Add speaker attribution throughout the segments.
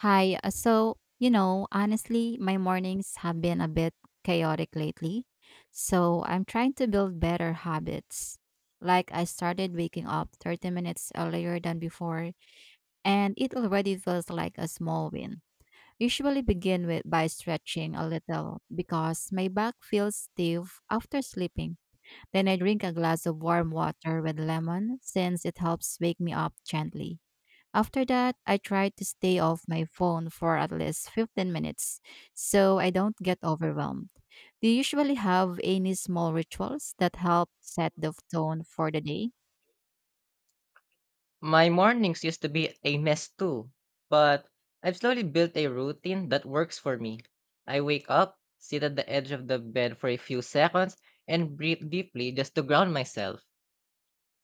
Speaker 1: Hi. Honestly, my mornings have been a bit chaotic lately. So, I'm trying to build better habits. Like, I started waking up 30 minutes earlier than before, and it already feels like a small win. Usually begin with by stretching a little because my back feels stiff after sleeping. Then I drink a glass of warm water with lemon since it helps wake me up gently. After that, I try to stay off my phone for at least 15 minutes so I don't get overwhelmed. Do you usually have any small rituals that help set the tone for the day?
Speaker 2: My mornings used to be a mess too, but I've slowly built a routine that works for me. I wake up, sit at the edge of the bed for a few seconds, and breathe deeply just to ground myself.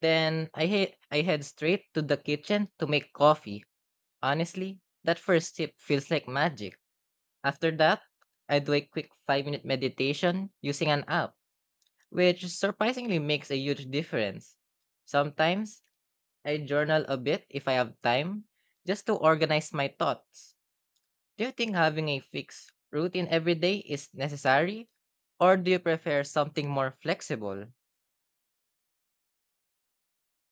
Speaker 2: Then I head straight to the kitchen to make coffee. Honestly, that first sip feels like magic. After that, I do a quick 5-minute meditation using an app, which surprisingly makes a huge difference. Sometimes I journal a bit if I have time, just to organize my thoughts. Do you think having a fixed routine every day is necessary? Or do you prefer something more flexible?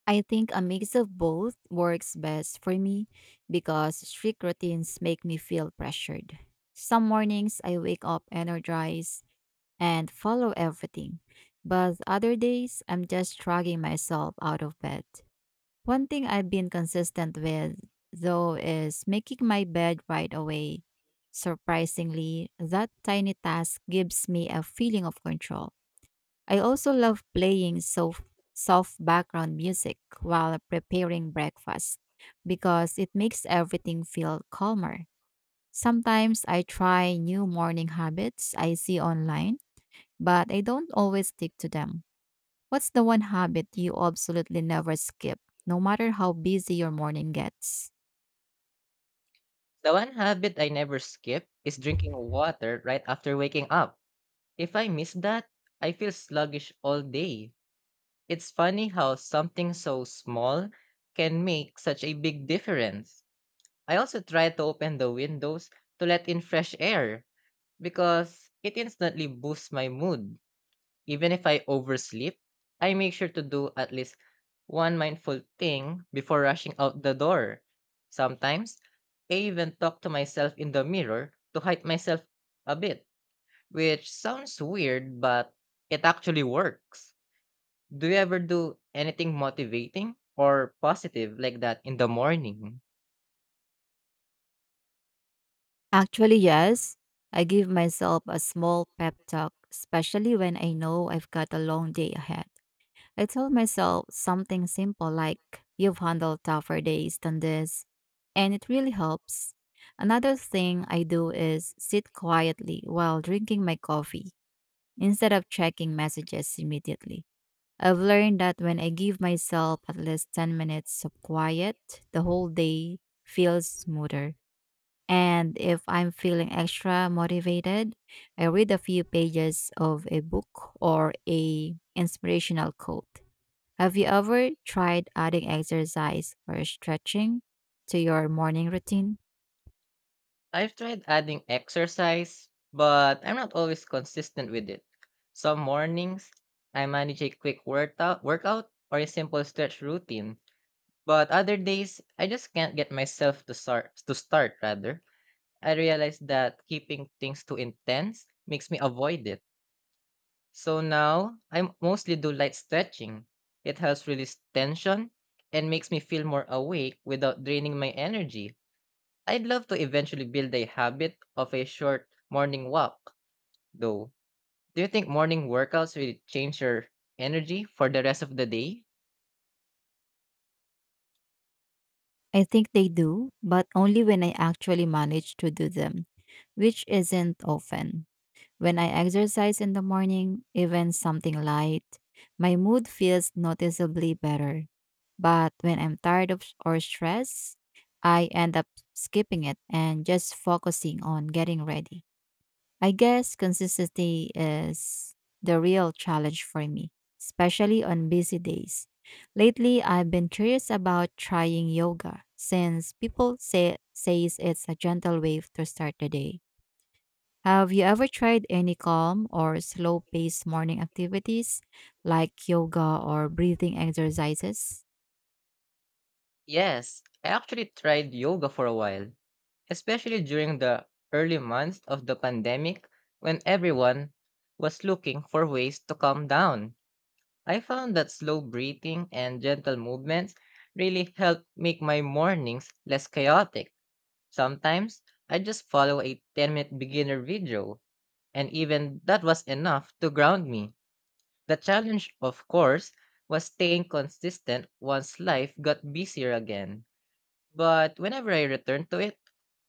Speaker 1: I think a mix of both works best for me because strict routines make me feel pressured. Some mornings I wake up energized and follow everything, but other days I'm just dragging myself out of bed. One thing I've been consistent with, though, is making my bed right away. Surprisingly, that tiny task gives me a feeling of control. I also love playing soft background music while preparing breakfast because it makes everything feel calmer. Sometimes I try new morning habits I see online, but I don't always stick to them. What's the one habit you absolutely never skip, no matter how busy your morning gets?
Speaker 2: The one habit I never skip is drinking water right after waking up. If I miss that, I feel sluggish all day. It's funny how something so small can make such a big difference. I also try to open the windows to let in fresh air because it instantly boosts my mood. Even if I oversleep, I make sure to do at least one mindful thing before rushing out the door. Sometimes, I even talk to myself in the mirror to hype myself a bit, which sounds weird, but it actually works. Do you ever do anything motivating or positive like that in the morning?
Speaker 1: Actually, yes. I give myself a small pep talk, especially when I know I've got a long day ahead. I tell myself something simple like, "You've handled tougher days than this," and it really helps. Another thing I do is sit quietly while drinking my coffee instead of checking messages immediately. I've learned that when I give myself at least 10 minutes of quiet, the whole day feels smoother. And if I'm feeling extra motivated, I read a few pages of a book or a inspirational quote. Have you ever tried adding exercise or stretching to your morning routine?
Speaker 2: I've tried adding exercise, but I'm not always consistent with it. Some mornings, I manage a quick workout or a simple stretch routine, but other days, I just can't get myself to start. To start, rather, I realized that keeping things too intense makes me avoid it. So now, I mostly do light stretching. It helps release tension and makes me feel more awake without draining my energy. I'd love to eventually build a habit of a short morning walk, though. Do you think morning workouts will change your energy for the rest of the day?
Speaker 1: I think they do, but only when I actually manage to do them, which isn't often. When I exercise in the morning, even something light, my mood feels noticeably better. But when I'm tired of or stressed, I end up skipping it and just focusing on getting ready. I guess consistency is the real challenge for me, especially on busy days. Lately, I've been curious about trying yoga since people say says it's a gentle way to start the day. Have you ever tried any calm or slow paced morning activities like yoga or breathing exercises?
Speaker 2: Yes, I actually tried yoga for a while, especially during the early months of the pandemic when everyone was looking for ways to calm down. I found that slow breathing and gentle movements really help make my mornings less chaotic. Sometimes I just follow a 10-minute beginner video and even that was enough to ground me. The challenge, of course, was staying consistent once life got busier again. But whenever I return to it,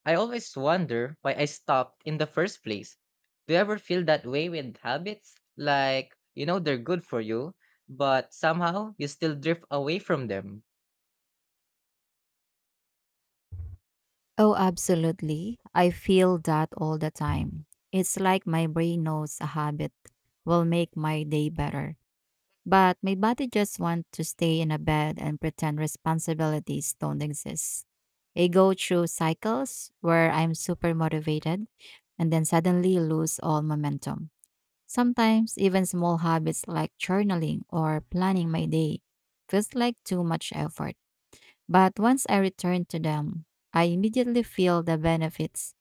Speaker 2: I always wonder why I stopped in the first place. Do you ever feel that way with habits? Like, you know, they're good for you, but somehow you still drift away from them.
Speaker 1: Oh, absolutely. I feel that all the time. It's like my brain knows a habit will make my day better. But my body just wants to stay in a bed and pretend responsibilities don't exist. I go through cycles where I'm super motivated and then suddenly lose all momentum. Sometimes even small habits like journaling or planning my day feels like too much effort. But once I return to them, I immediately feel the benefits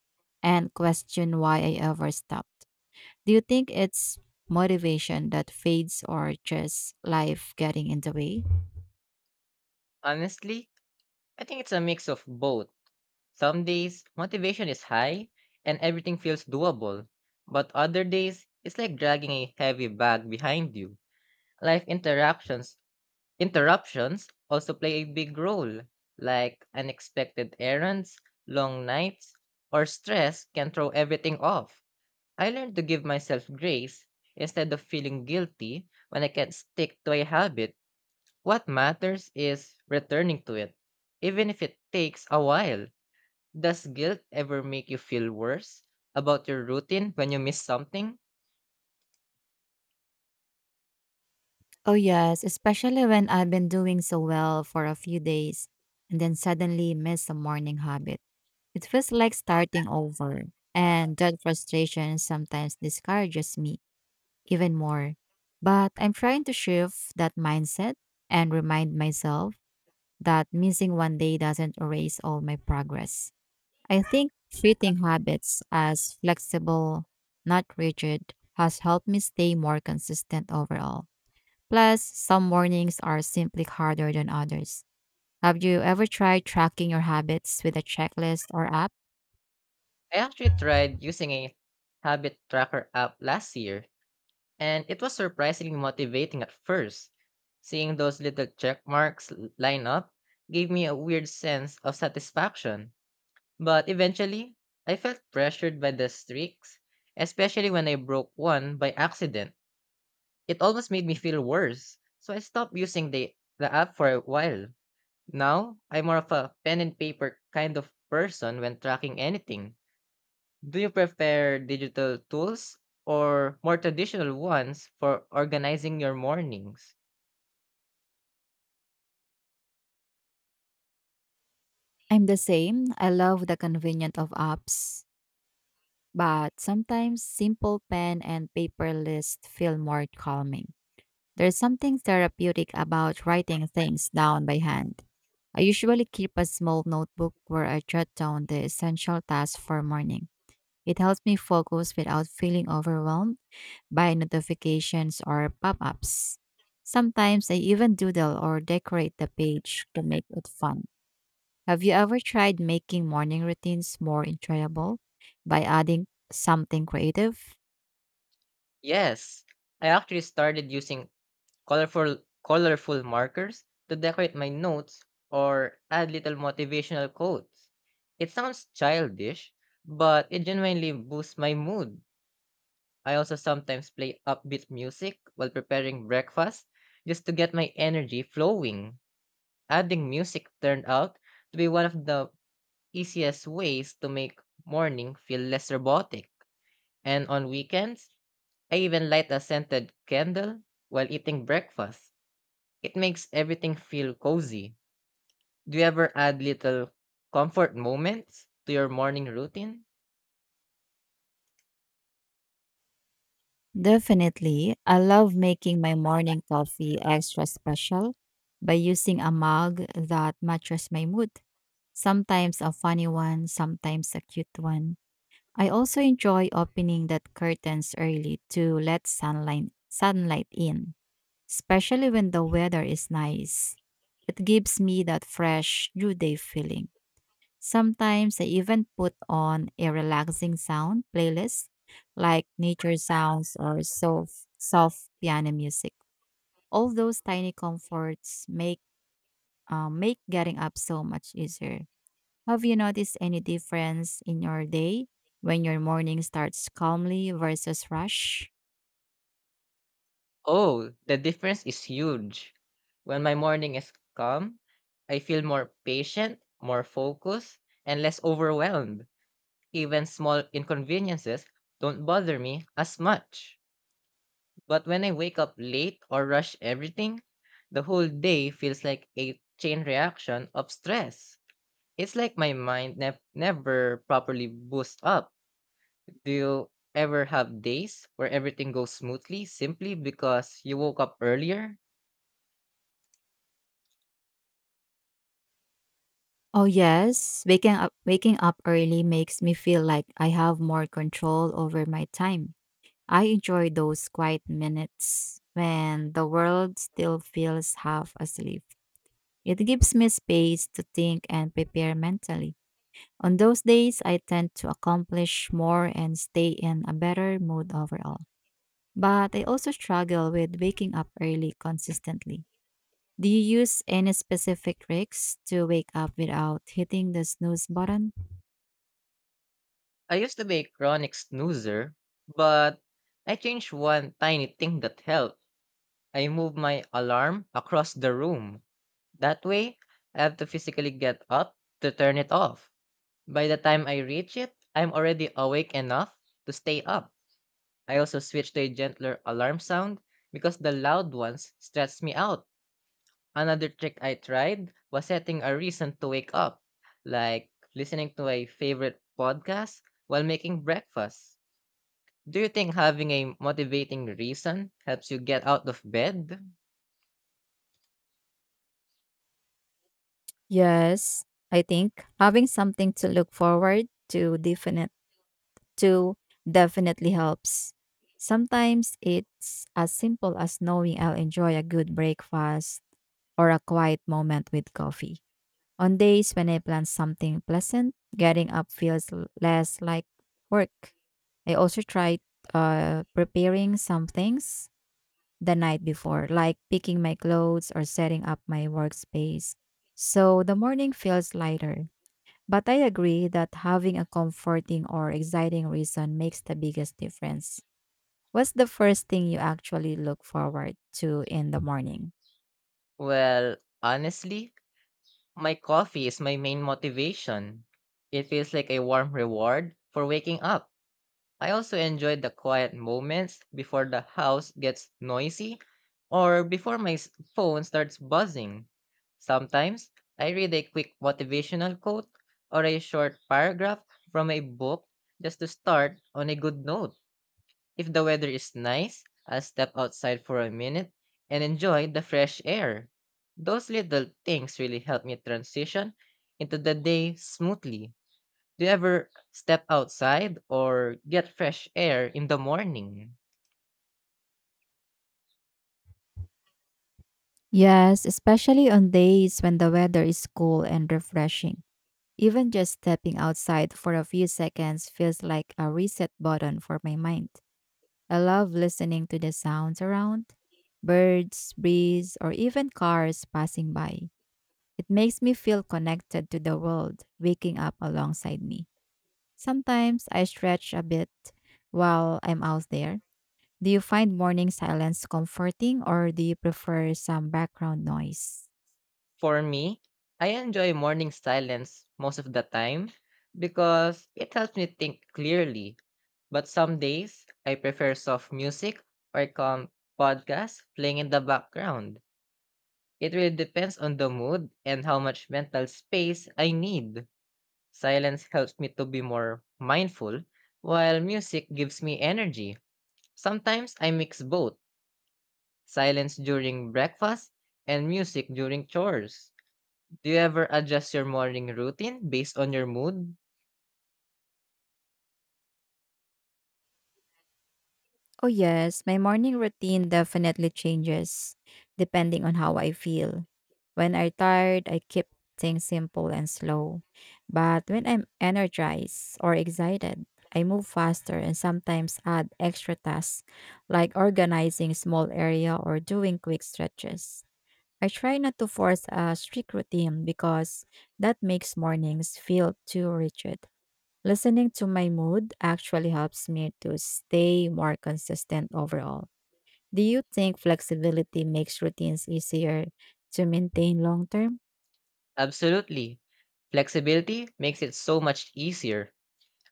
Speaker 1: and question why I ever stopped. Do you think it's motivation that fades or just life getting in the way?
Speaker 2: Honestly, I think it's a mix of both. Some days, motivation is high and everything feels doable, but other days, it's like dragging a heavy bag behind you. Life interruptions also play a big role, like unexpected errands, long nights, or stress can throw everything off. I learned to give myself grace instead of feeling guilty when I can't stick to a habit. What matters is returning to it, even if it takes a while. Does guilt ever make you feel worse about your routine when you miss something?
Speaker 1: Oh, yes, especially when I've been doing so well for a few days and then suddenly miss a morning habit. It feels like starting over, and that frustration sometimes discourages me even more. But I'm trying to shift that mindset and remind myself that missing one day doesn't erase all my progress. I think treating habits as flexible, not rigid, has helped me stay more consistent overall. Plus, some mornings are simply harder than others. Have you ever tried tracking your habits with a checklist or app?
Speaker 2: I actually tried using a habit tracker app last year, and it was surprisingly motivating at first. Seeing those little check marks line up gave me a weird sense of satisfaction. But eventually, I felt pressured by the streaks, especially when I broke one by accident. It almost made me feel worse, so I stopped using the app for a while. Now, I'm more of a pen and paper kind of person when tracking anything. Do you prefer digital tools or more traditional ones for organizing your mornings?
Speaker 1: I'm the same. I love the convenience of apps, but sometimes simple pen and paper lists feel more calming. There's something therapeutic about writing things down by hand. I usually keep a small notebook where I jot down the essential tasks for morning. It helps me focus without feeling overwhelmed by notifications or pop-ups. Sometimes I even doodle or decorate the page to make it fun. Have you ever tried making morning routines more enjoyable by adding something creative?
Speaker 2: Yes, I actually started using colorful colorful markers to decorate my notes or add little motivational quotes. It sounds childish, but it genuinely boosts my mood. I also sometimes play upbeat music while preparing breakfast just to get my energy flowing. Adding music turned out to be one of the easiest ways to make morning feel less robotic. And on weekends, I even light a scented candle while eating breakfast. It makes everything feel cozy. Do you ever add little comfort moments to your morning routine?
Speaker 1: Definitely. I love making my morning coffee extra special by using a mug that matches my mood. Sometimes a funny one, sometimes a cute one. I also enjoy opening that curtains early to let sunlight in, especially when the weather is nice. It gives me that fresh new day feeling. Sometimes I even put on a relaxing sound playlist like nature sounds or soft piano music. All those tiny comforts make make getting up so much easier. Have you noticed any difference in your day when your morning starts calmly versus rush?
Speaker 2: Oh, the difference is huge. When my morning is calm, I feel more patient, more focused, and less overwhelmed. Even small inconveniences don't bother me as much. But when I wake up late or rush everything, the whole day feels like a chain reaction of stress. It's like my mind never properly boosts up. Do you ever have days where everything goes smoothly simply because you woke up earlier?
Speaker 1: Oh yes, waking up early makes me feel like I have more control over my time. I enjoy those quiet minutes when the world still feels half asleep. It gives me space to think and prepare mentally. On those days, I tend to accomplish more and stay in a better mood overall. But I also struggle with waking up early consistently. Do you use any specific tricks to wake up without hitting the snooze button?
Speaker 2: I used to be a chronic snoozer, but I changed one tiny thing that helped. I moved my alarm across the room. That way, I have to physically get up to turn it off. By the time I reach it, I'm already awake enough to stay up. I also switched to a gentler alarm sound because the loud ones stress me out. Another trick I tried was setting a reason to wake up, like listening to a favorite podcast while making breakfast. Do you think having a motivating reason helps you get out of bed?
Speaker 1: Yes, I think having something to look forward to too definitely helps. Sometimes it's as simple as knowing I'll enjoy a good breakfast or a quiet moment with coffee. On days when I plan something pleasant, getting up feels less like work. I also tried preparing some things the night before, like picking my clothes or setting up my workspace. So the morning feels lighter. But I agree that having a comforting or exciting reason makes the biggest difference. What's the first thing you actually look forward to in the morning?
Speaker 2: Well, honestly, my coffee is my main motivation. It feels like a warm reward for waking up. I also enjoy the quiet moments before the house gets noisy or before phone starts buzzing. Sometimes I read a quick motivational quote or a short paragraph from a book just to start on a good note. If the weather is nice, I'll step outside for a minute and enjoy the fresh air. Those little things really help me transition into the day smoothly. Do you ever step outside or get fresh air in the morning?
Speaker 1: Yes, especially on days when the weather is cool and refreshing. Even just stepping outside for a few seconds feels like a reset button for my mind. I love listening to the sounds around birds, breeze, or even cars passing by. It makes me feel connected to the world waking up alongside me. Sometimes I stretch a bit while I'm out there. Do you find morning silence comforting or do you prefer some background noise?
Speaker 2: For me, I enjoy morning silence most of the time because it helps me think clearly. But some days, I prefer soft music or calm podcasts playing in the background. It really depends on the mood and how much mental space I need. Silence helps me to be more mindful, while music gives me energy. Sometimes I mix both silence during breakfast and music during chores. Do you ever adjust your morning routine based on your mood?
Speaker 1: Oh, yes, my morning routine definitely changes depending on how I feel. When I'm tired, I keep things simple and slow. But when I'm energized or excited, I move faster and sometimes add extra tasks like organizing small area or doing quick stretches. I try not to force a strict routine because that makes mornings feel too rigid. Listening to my mood actually helps me to stay more consistent overall. Do you think flexibility makes routines easier to maintain long term?
Speaker 2: Absolutely. Flexibility makes it so much easier.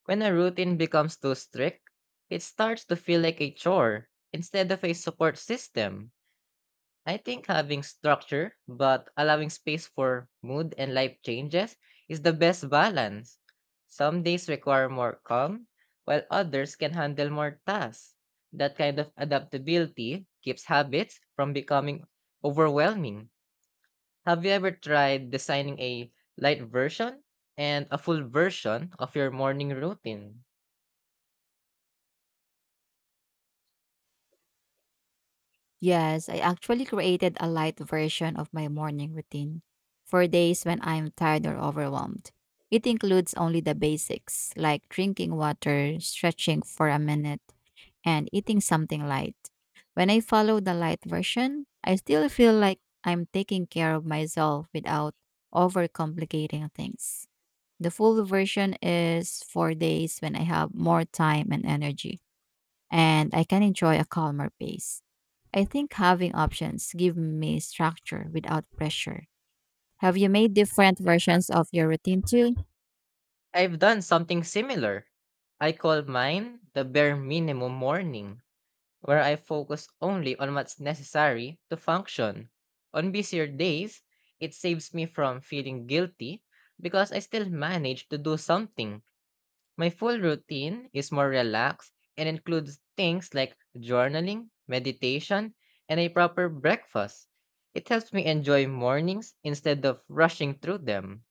Speaker 2: When a routine becomes too strict, it starts to feel like a chore instead of a support system. I think having structure but allowing space for mood and life changes is the best balance. Some days require more calm, while others can handle more tasks. That kind of adaptability keeps habits from becoming overwhelming. Have you ever tried designing a light version and a full version of your morning routine?
Speaker 1: Yes, I actually created a light version of my morning routine for days when I'm tired or overwhelmed. It includes only the basics like drinking water, stretching for a minute and eating something light. When I follow the light version, I still feel like I'm taking care of myself without overcomplicating things. The full version is four days when I have more time and energy, and I can enjoy a calmer pace. I think having options give me structure without pressure. Have you made different versions of your routine too?
Speaker 2: I've done something similar. I call mine the bare minimum morning where I focus only on what's necessary to function. On busier days, it saves me from feeling guilty because I still manage to do something. My full routine is more relaxed and includes things like journaling, meditation, and a proper breakfast. It helps me enjoy mornings instead of rushing through them.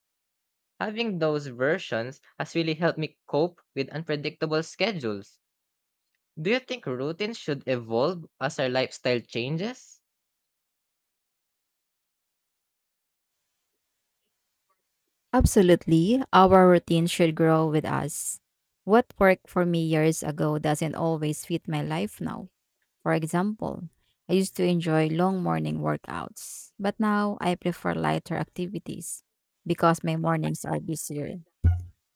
Speaker 2: Having those versions has really helped me cope with unpredictable schedules. Do you think routines should evolve as our lifestyle changes?
Speaker 1: Absolutely. Our routine should grow with us. What worked for me years ago doesn't always fit my life now. For example, I used to enjoy long morning workouts, but now I prefer lighter activities because my mornings are busier.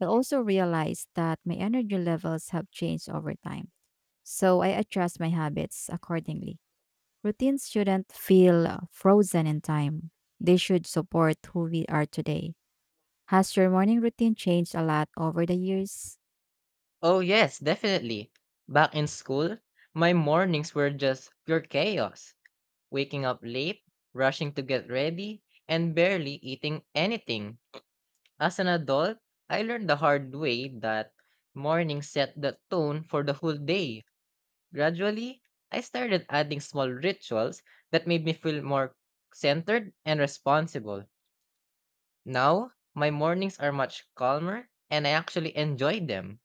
Speaker 1: I also realized that my energy levels have changed over time, so I adjust my habits accordingly. Routines shouldn't feel frozen in time, they should support who we are today. Has your morning routine changed a lot over the years?
Speaker 2: Oh, yes, definitely. Back in school, my mornings were just pure chaos, waking up late, rushing to get ready, and barely eating anything. As an adult, I learned the hard way that mornings set the tone for the whole day. Gradually, I started adding small rituals that made me feel more centered and responsible. Now, my mornings are much calmer and I actually enjoy them.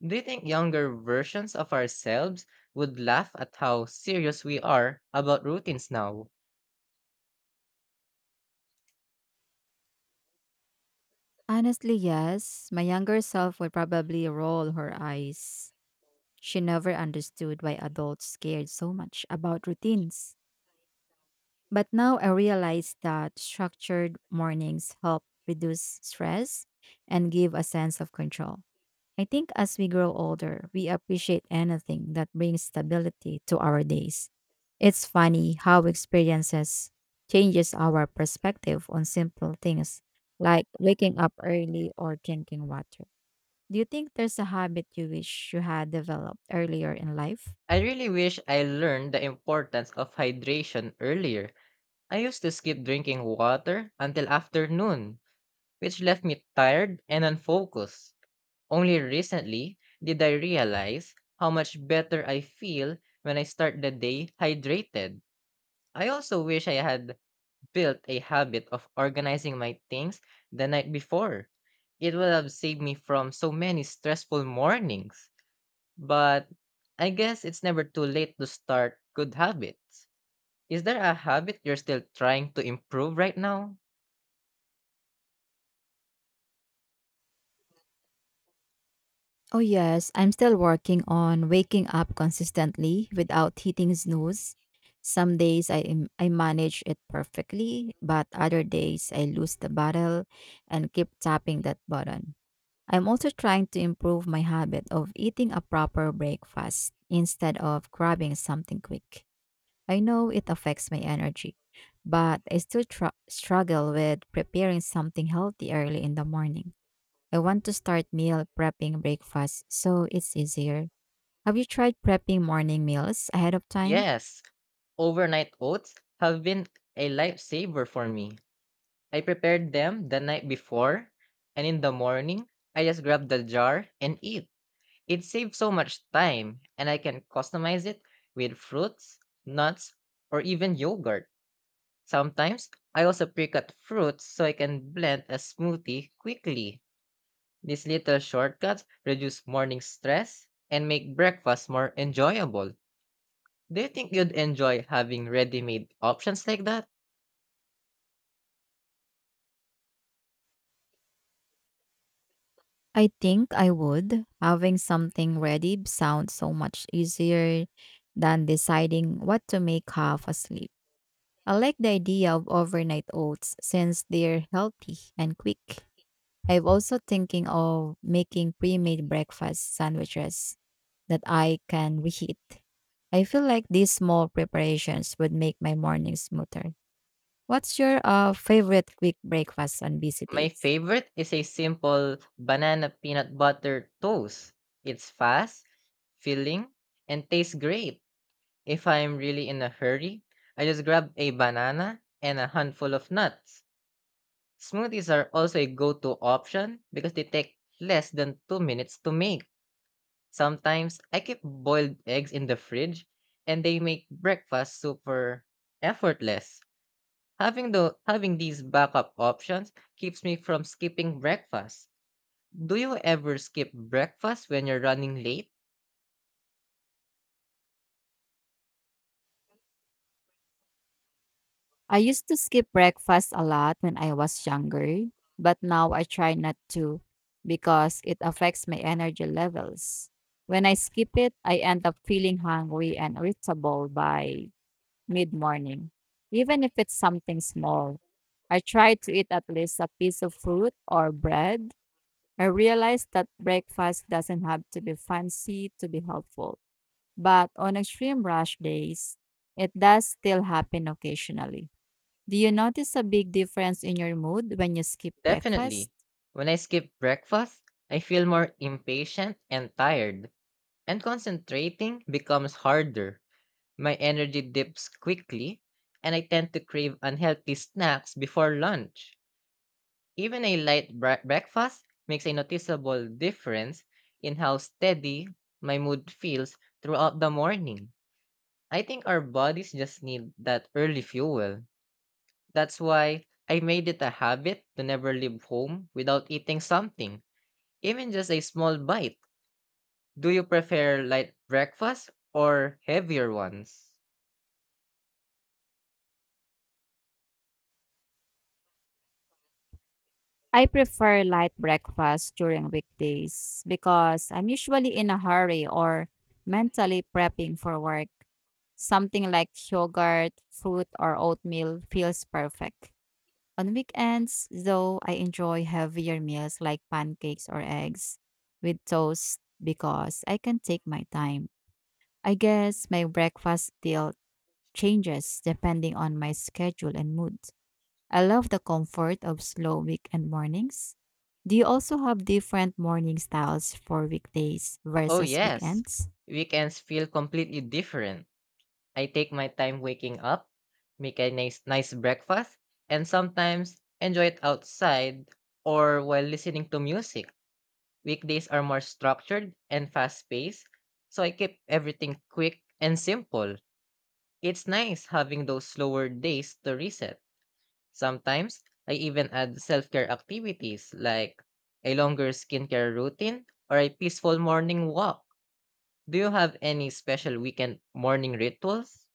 Speaker 2: Do you think younger versions of ourselves would laugh at how serious we are about routines now?
Speaker 1: Honestly, yes. My younger self would probably roll her eyes. She never understood why adults cared so much about routines. But now I realize that structured mornings help reduce stress and give a sense of control. I think as we grow older, we appreciate anything that brings stability to our days. It's funny how experiences changes our perspective on simple things like waking up early or drinking water. Do you think there's a habit you wish you had developed earlier in life?
Speaker 2: I really wish I learned the importance of hydration earlier. I used to skip drinking water until afternoon, which left me tired and unfocused. Only recently did I realize how much better I feel when I start the day hydrated. I also wish I had built a habit of organizing my things the night before, it would have saved me from so many stressful mornings. But I guess it's never too late to start good habits. Is there a habit you're still trying to improve right now?
Speaker 1: Oh, yes, I'm still working on waking up consistently without hitting snooze. Some days I manage it perfectly, but other days I lose the battle and keep tapping that button. I'm also trying to improve my habit of eating a proper breakfast instead of grabbing something quick. I know it affects my energy, but I still struggle with preparing something healthy early in the morning. I want to start meal prepping breakfast so it's easier. Have you tried prepping morning meals ahead of time?
Speaker 2: Yes, overnight oats have been a lifesaver for me. I prepared them the night before, and in the morning, I just grab the jar and eat. It saves so much time, and I can customize it with fruits, nuts, or even yogurt. Sometimes I also pre cut fruits so I can blend a smoothie quickly. These little shortcuts reduce morning stress and make breakfast more enjoyable. Do you think you'd enjoy having ready made options like that?
Speaker 1: I think I would. Having something ready sounds so much easier than deciding what to make half asleep. I like the idea of overnight oats since they're healthy and quick. I'm also thinking of making pre-made breakfast sandwiches that I can reheat. I feel like these small preparations would make my morning smoother. What's your favorite quick breakfast on busy
Speaker 2: My
Speaker 1: days?
Speaker 2: favorite is a simple banana peanut butter toast. It's fast, filling, and tastes great. If I'm really in a hurry, I just grab a banana and a handful of nuts. Smoothies are also a go to option because they take less than 2 minutes to make. Sometimes I keep boiled eggs in the fridge and they make breakfast super effortless. Having these backup options keeps me from skipping breakfast. Do you ever skip breakfast when you're running late?
Speaker 1: I used to skip breakfast a lot when I was younger, but now I try not to because it affects my energy levels. When I skip it, I end up feeling hungry and irritable by mid morning, even if it's something small. I try to eat at least a piece of fruit or bread. I realize that breakfast doesn't have to be fancy to be helpful. But on extreme rush days, it does still happen occasionally. Do you notice a big difference in your mood when you skip breakfast?
Speaker 2: Definitely. When I skip breakfast, I feel more impatient and tired, and concentrating becomes harder. My energy dips quickly, and I tend to crave unhealthy snacks before lunch. Even a light breakfast makes a noticeable difference in how steady my mood feels throughout the morning. I think our bodies just need that early fuel. That's why I made it a habit to never leave home without eating something even just a small bite. Do you prefer light breakfast or heavier ones?
Speaker 1: I prefer light breakfast during weekdays because I'm usually in a hurry or mentally prepping for work. Something like yogurt, fruit, or oatmeal feels perfect. On weekends, though, I enjoy heavier meals like pancakes or eggs with toast because I can take my time. I guess my breakfast still changes depending on my schedule and mood. I love the comfort of slow weekend mornings. Do you also have different morning styles for weekdays
Speaker 2: Oh,
Speaker 1: versus
Speaker 2: yes.
Speaker 1: weekends?
Speaker 2: Weekends feel completely different. I take my time waking up, make a nice breakfast, and sometimes enjoy it outside or while listening to music. Weekdays are more structured and fast paced, so I keep everything quick and simple. It's nice having those slower days to reset. Sometimes, I even add self care activities like a longer skincare routine or a peaceful morning walk. Do you have any special weekend morning rituals?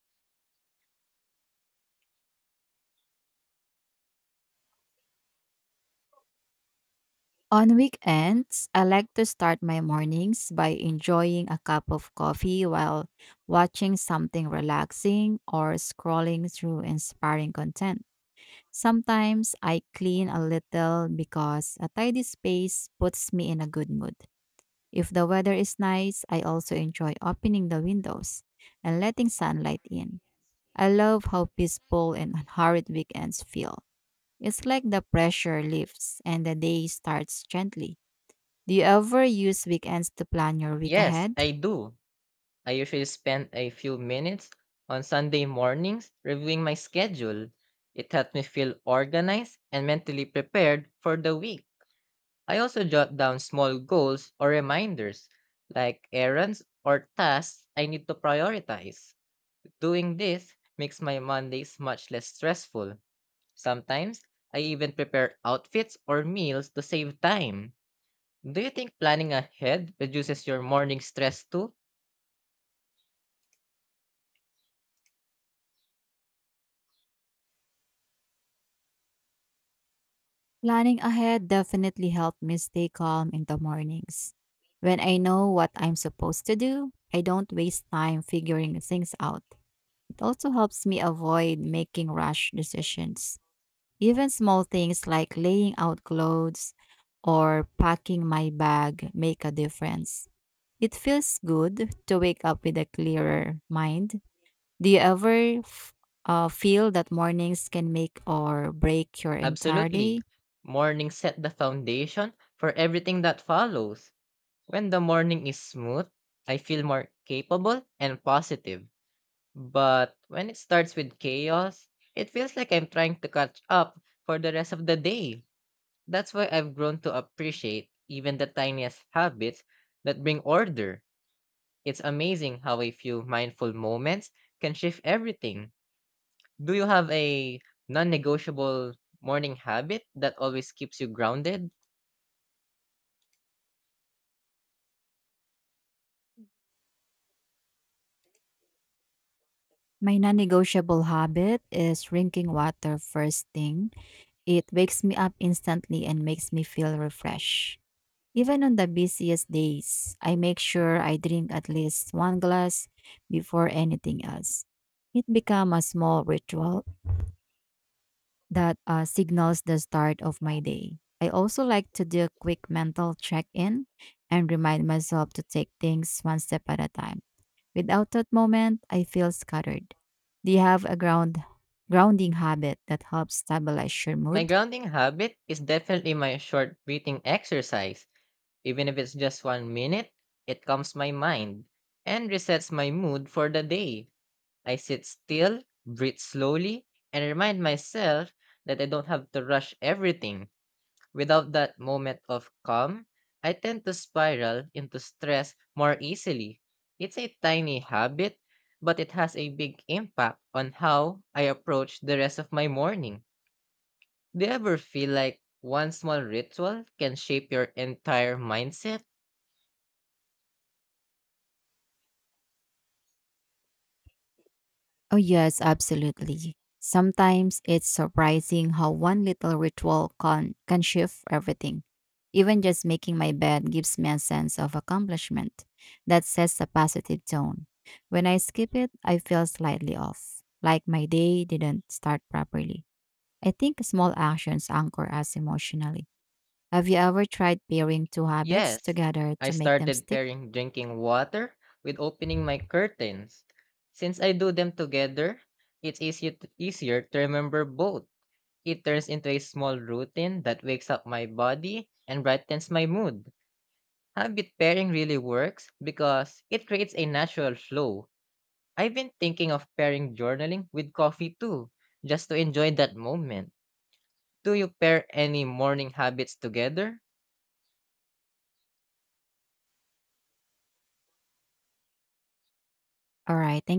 Speaker 1: On weekends, I like to start my mornings by enjoying a cup of coffee while watching something relaxing or scrolling through inspiring content. Sometimes I clean a little because a tidy space puts me in a good mood. If the weather is nice, I also enjoy opening the windows and letting sunlight in. I love how peaceful and unhurried weekends feel. It's like the pressure lifts and the day starts gently. Do you ever use weekends to plan your week
Speaker 2: Yes,
Speaker 1: ahead?
Speaker 2: I do. I usually spend a few minutes on Sunday mornings reviewing my schedule. It helps me feel organized and mentally prepared for the week. I also jot down small goals or reminders, like errands or tasks I need to prioritize. Doing this makes my Mondays much less stressful. Sometimes, I even prepare outfits or meals to save time. Do you think planning ahead reduces your morning stress too?
Speaker 1: Planning ahead definitely helped me stay calm in the mornings. When I know what I'm supposed to do, I don't waste time figuring things out. It also helps me avoid making rash decisions. Even small things like laying out clothes or packing my bag make a difference. It feels good to wake up with a clearer mind. Do you ever feel that mornings can make or break your entire
Speaker 2: Absolutely.
Speaker 1: day?
Speaker 2: Morning set the foundation for everything that follows. When the morning is smooth, I feel more capable and positive. But when it starts with chaos, it feels like I'm trying to catch up for the rest of the day. That's why I've grown to appreciate even the tiniest habits that bring order. It's amazing how a few mindful moments can shift everything. Do you have a non negotiable morning habit that always keeps you grounded?
Speaker 1: My non negotiable habit is drinking water first thing. It wakes me up instantly and makes me feel refreshed. Even on the busiest days, I make sure I drink at least one glass before anything else. It becomes a small ritual that signals the start of my day. I also like to do a quick mental check-in and remind myself to take things one step at a time. Without that moment, I feel scattered. Do you have a grounding habit that helps stabilize your
Speaker 2: My
Speaker 1: mood?
Speaker 2: grounding habit is definitely my short breathing exercise. Even if it's just 1 minute, it calms my mind and resets my mood for the day. I sit still, breathe slowly, and remind myself that I don't have to rush everything. Without that moment of calm, I tend to spiral into stress more easily. It's a tiny habit, but it has a big impact on how I approach the rest of my morning. Do you ever feel like one small ritual can shape your entire mindset?
Speaker 1: Oh, yes, absolutely. Sometimes it's surprising how one little ritual can shift everything. Even just making my bed gives me a sense of accomplishment that sets a positive tone. When I skip it, I feel slightly off, like my day didn't start properly. I think small actions anchor us emotionally. Have you ever tried pairing two habits
Speaker 2: Yes,
Speaker 1: together
Speaker 2: I
Speaker 1: to make them
Speaker 2: started
Speaker 1: stick?
Speaker 2: pairing drinking water with opening my curtains. Since I do them together, easier to remember both. It turns into a small routine that wakes up my body and brightens my mood. Habit pairing really works because it creates a natural flow. I've been thinking of pairing journaling with coffee too, just to enjoy that moment. Do you pair any morning habits together?
Speaker 1: All right, thank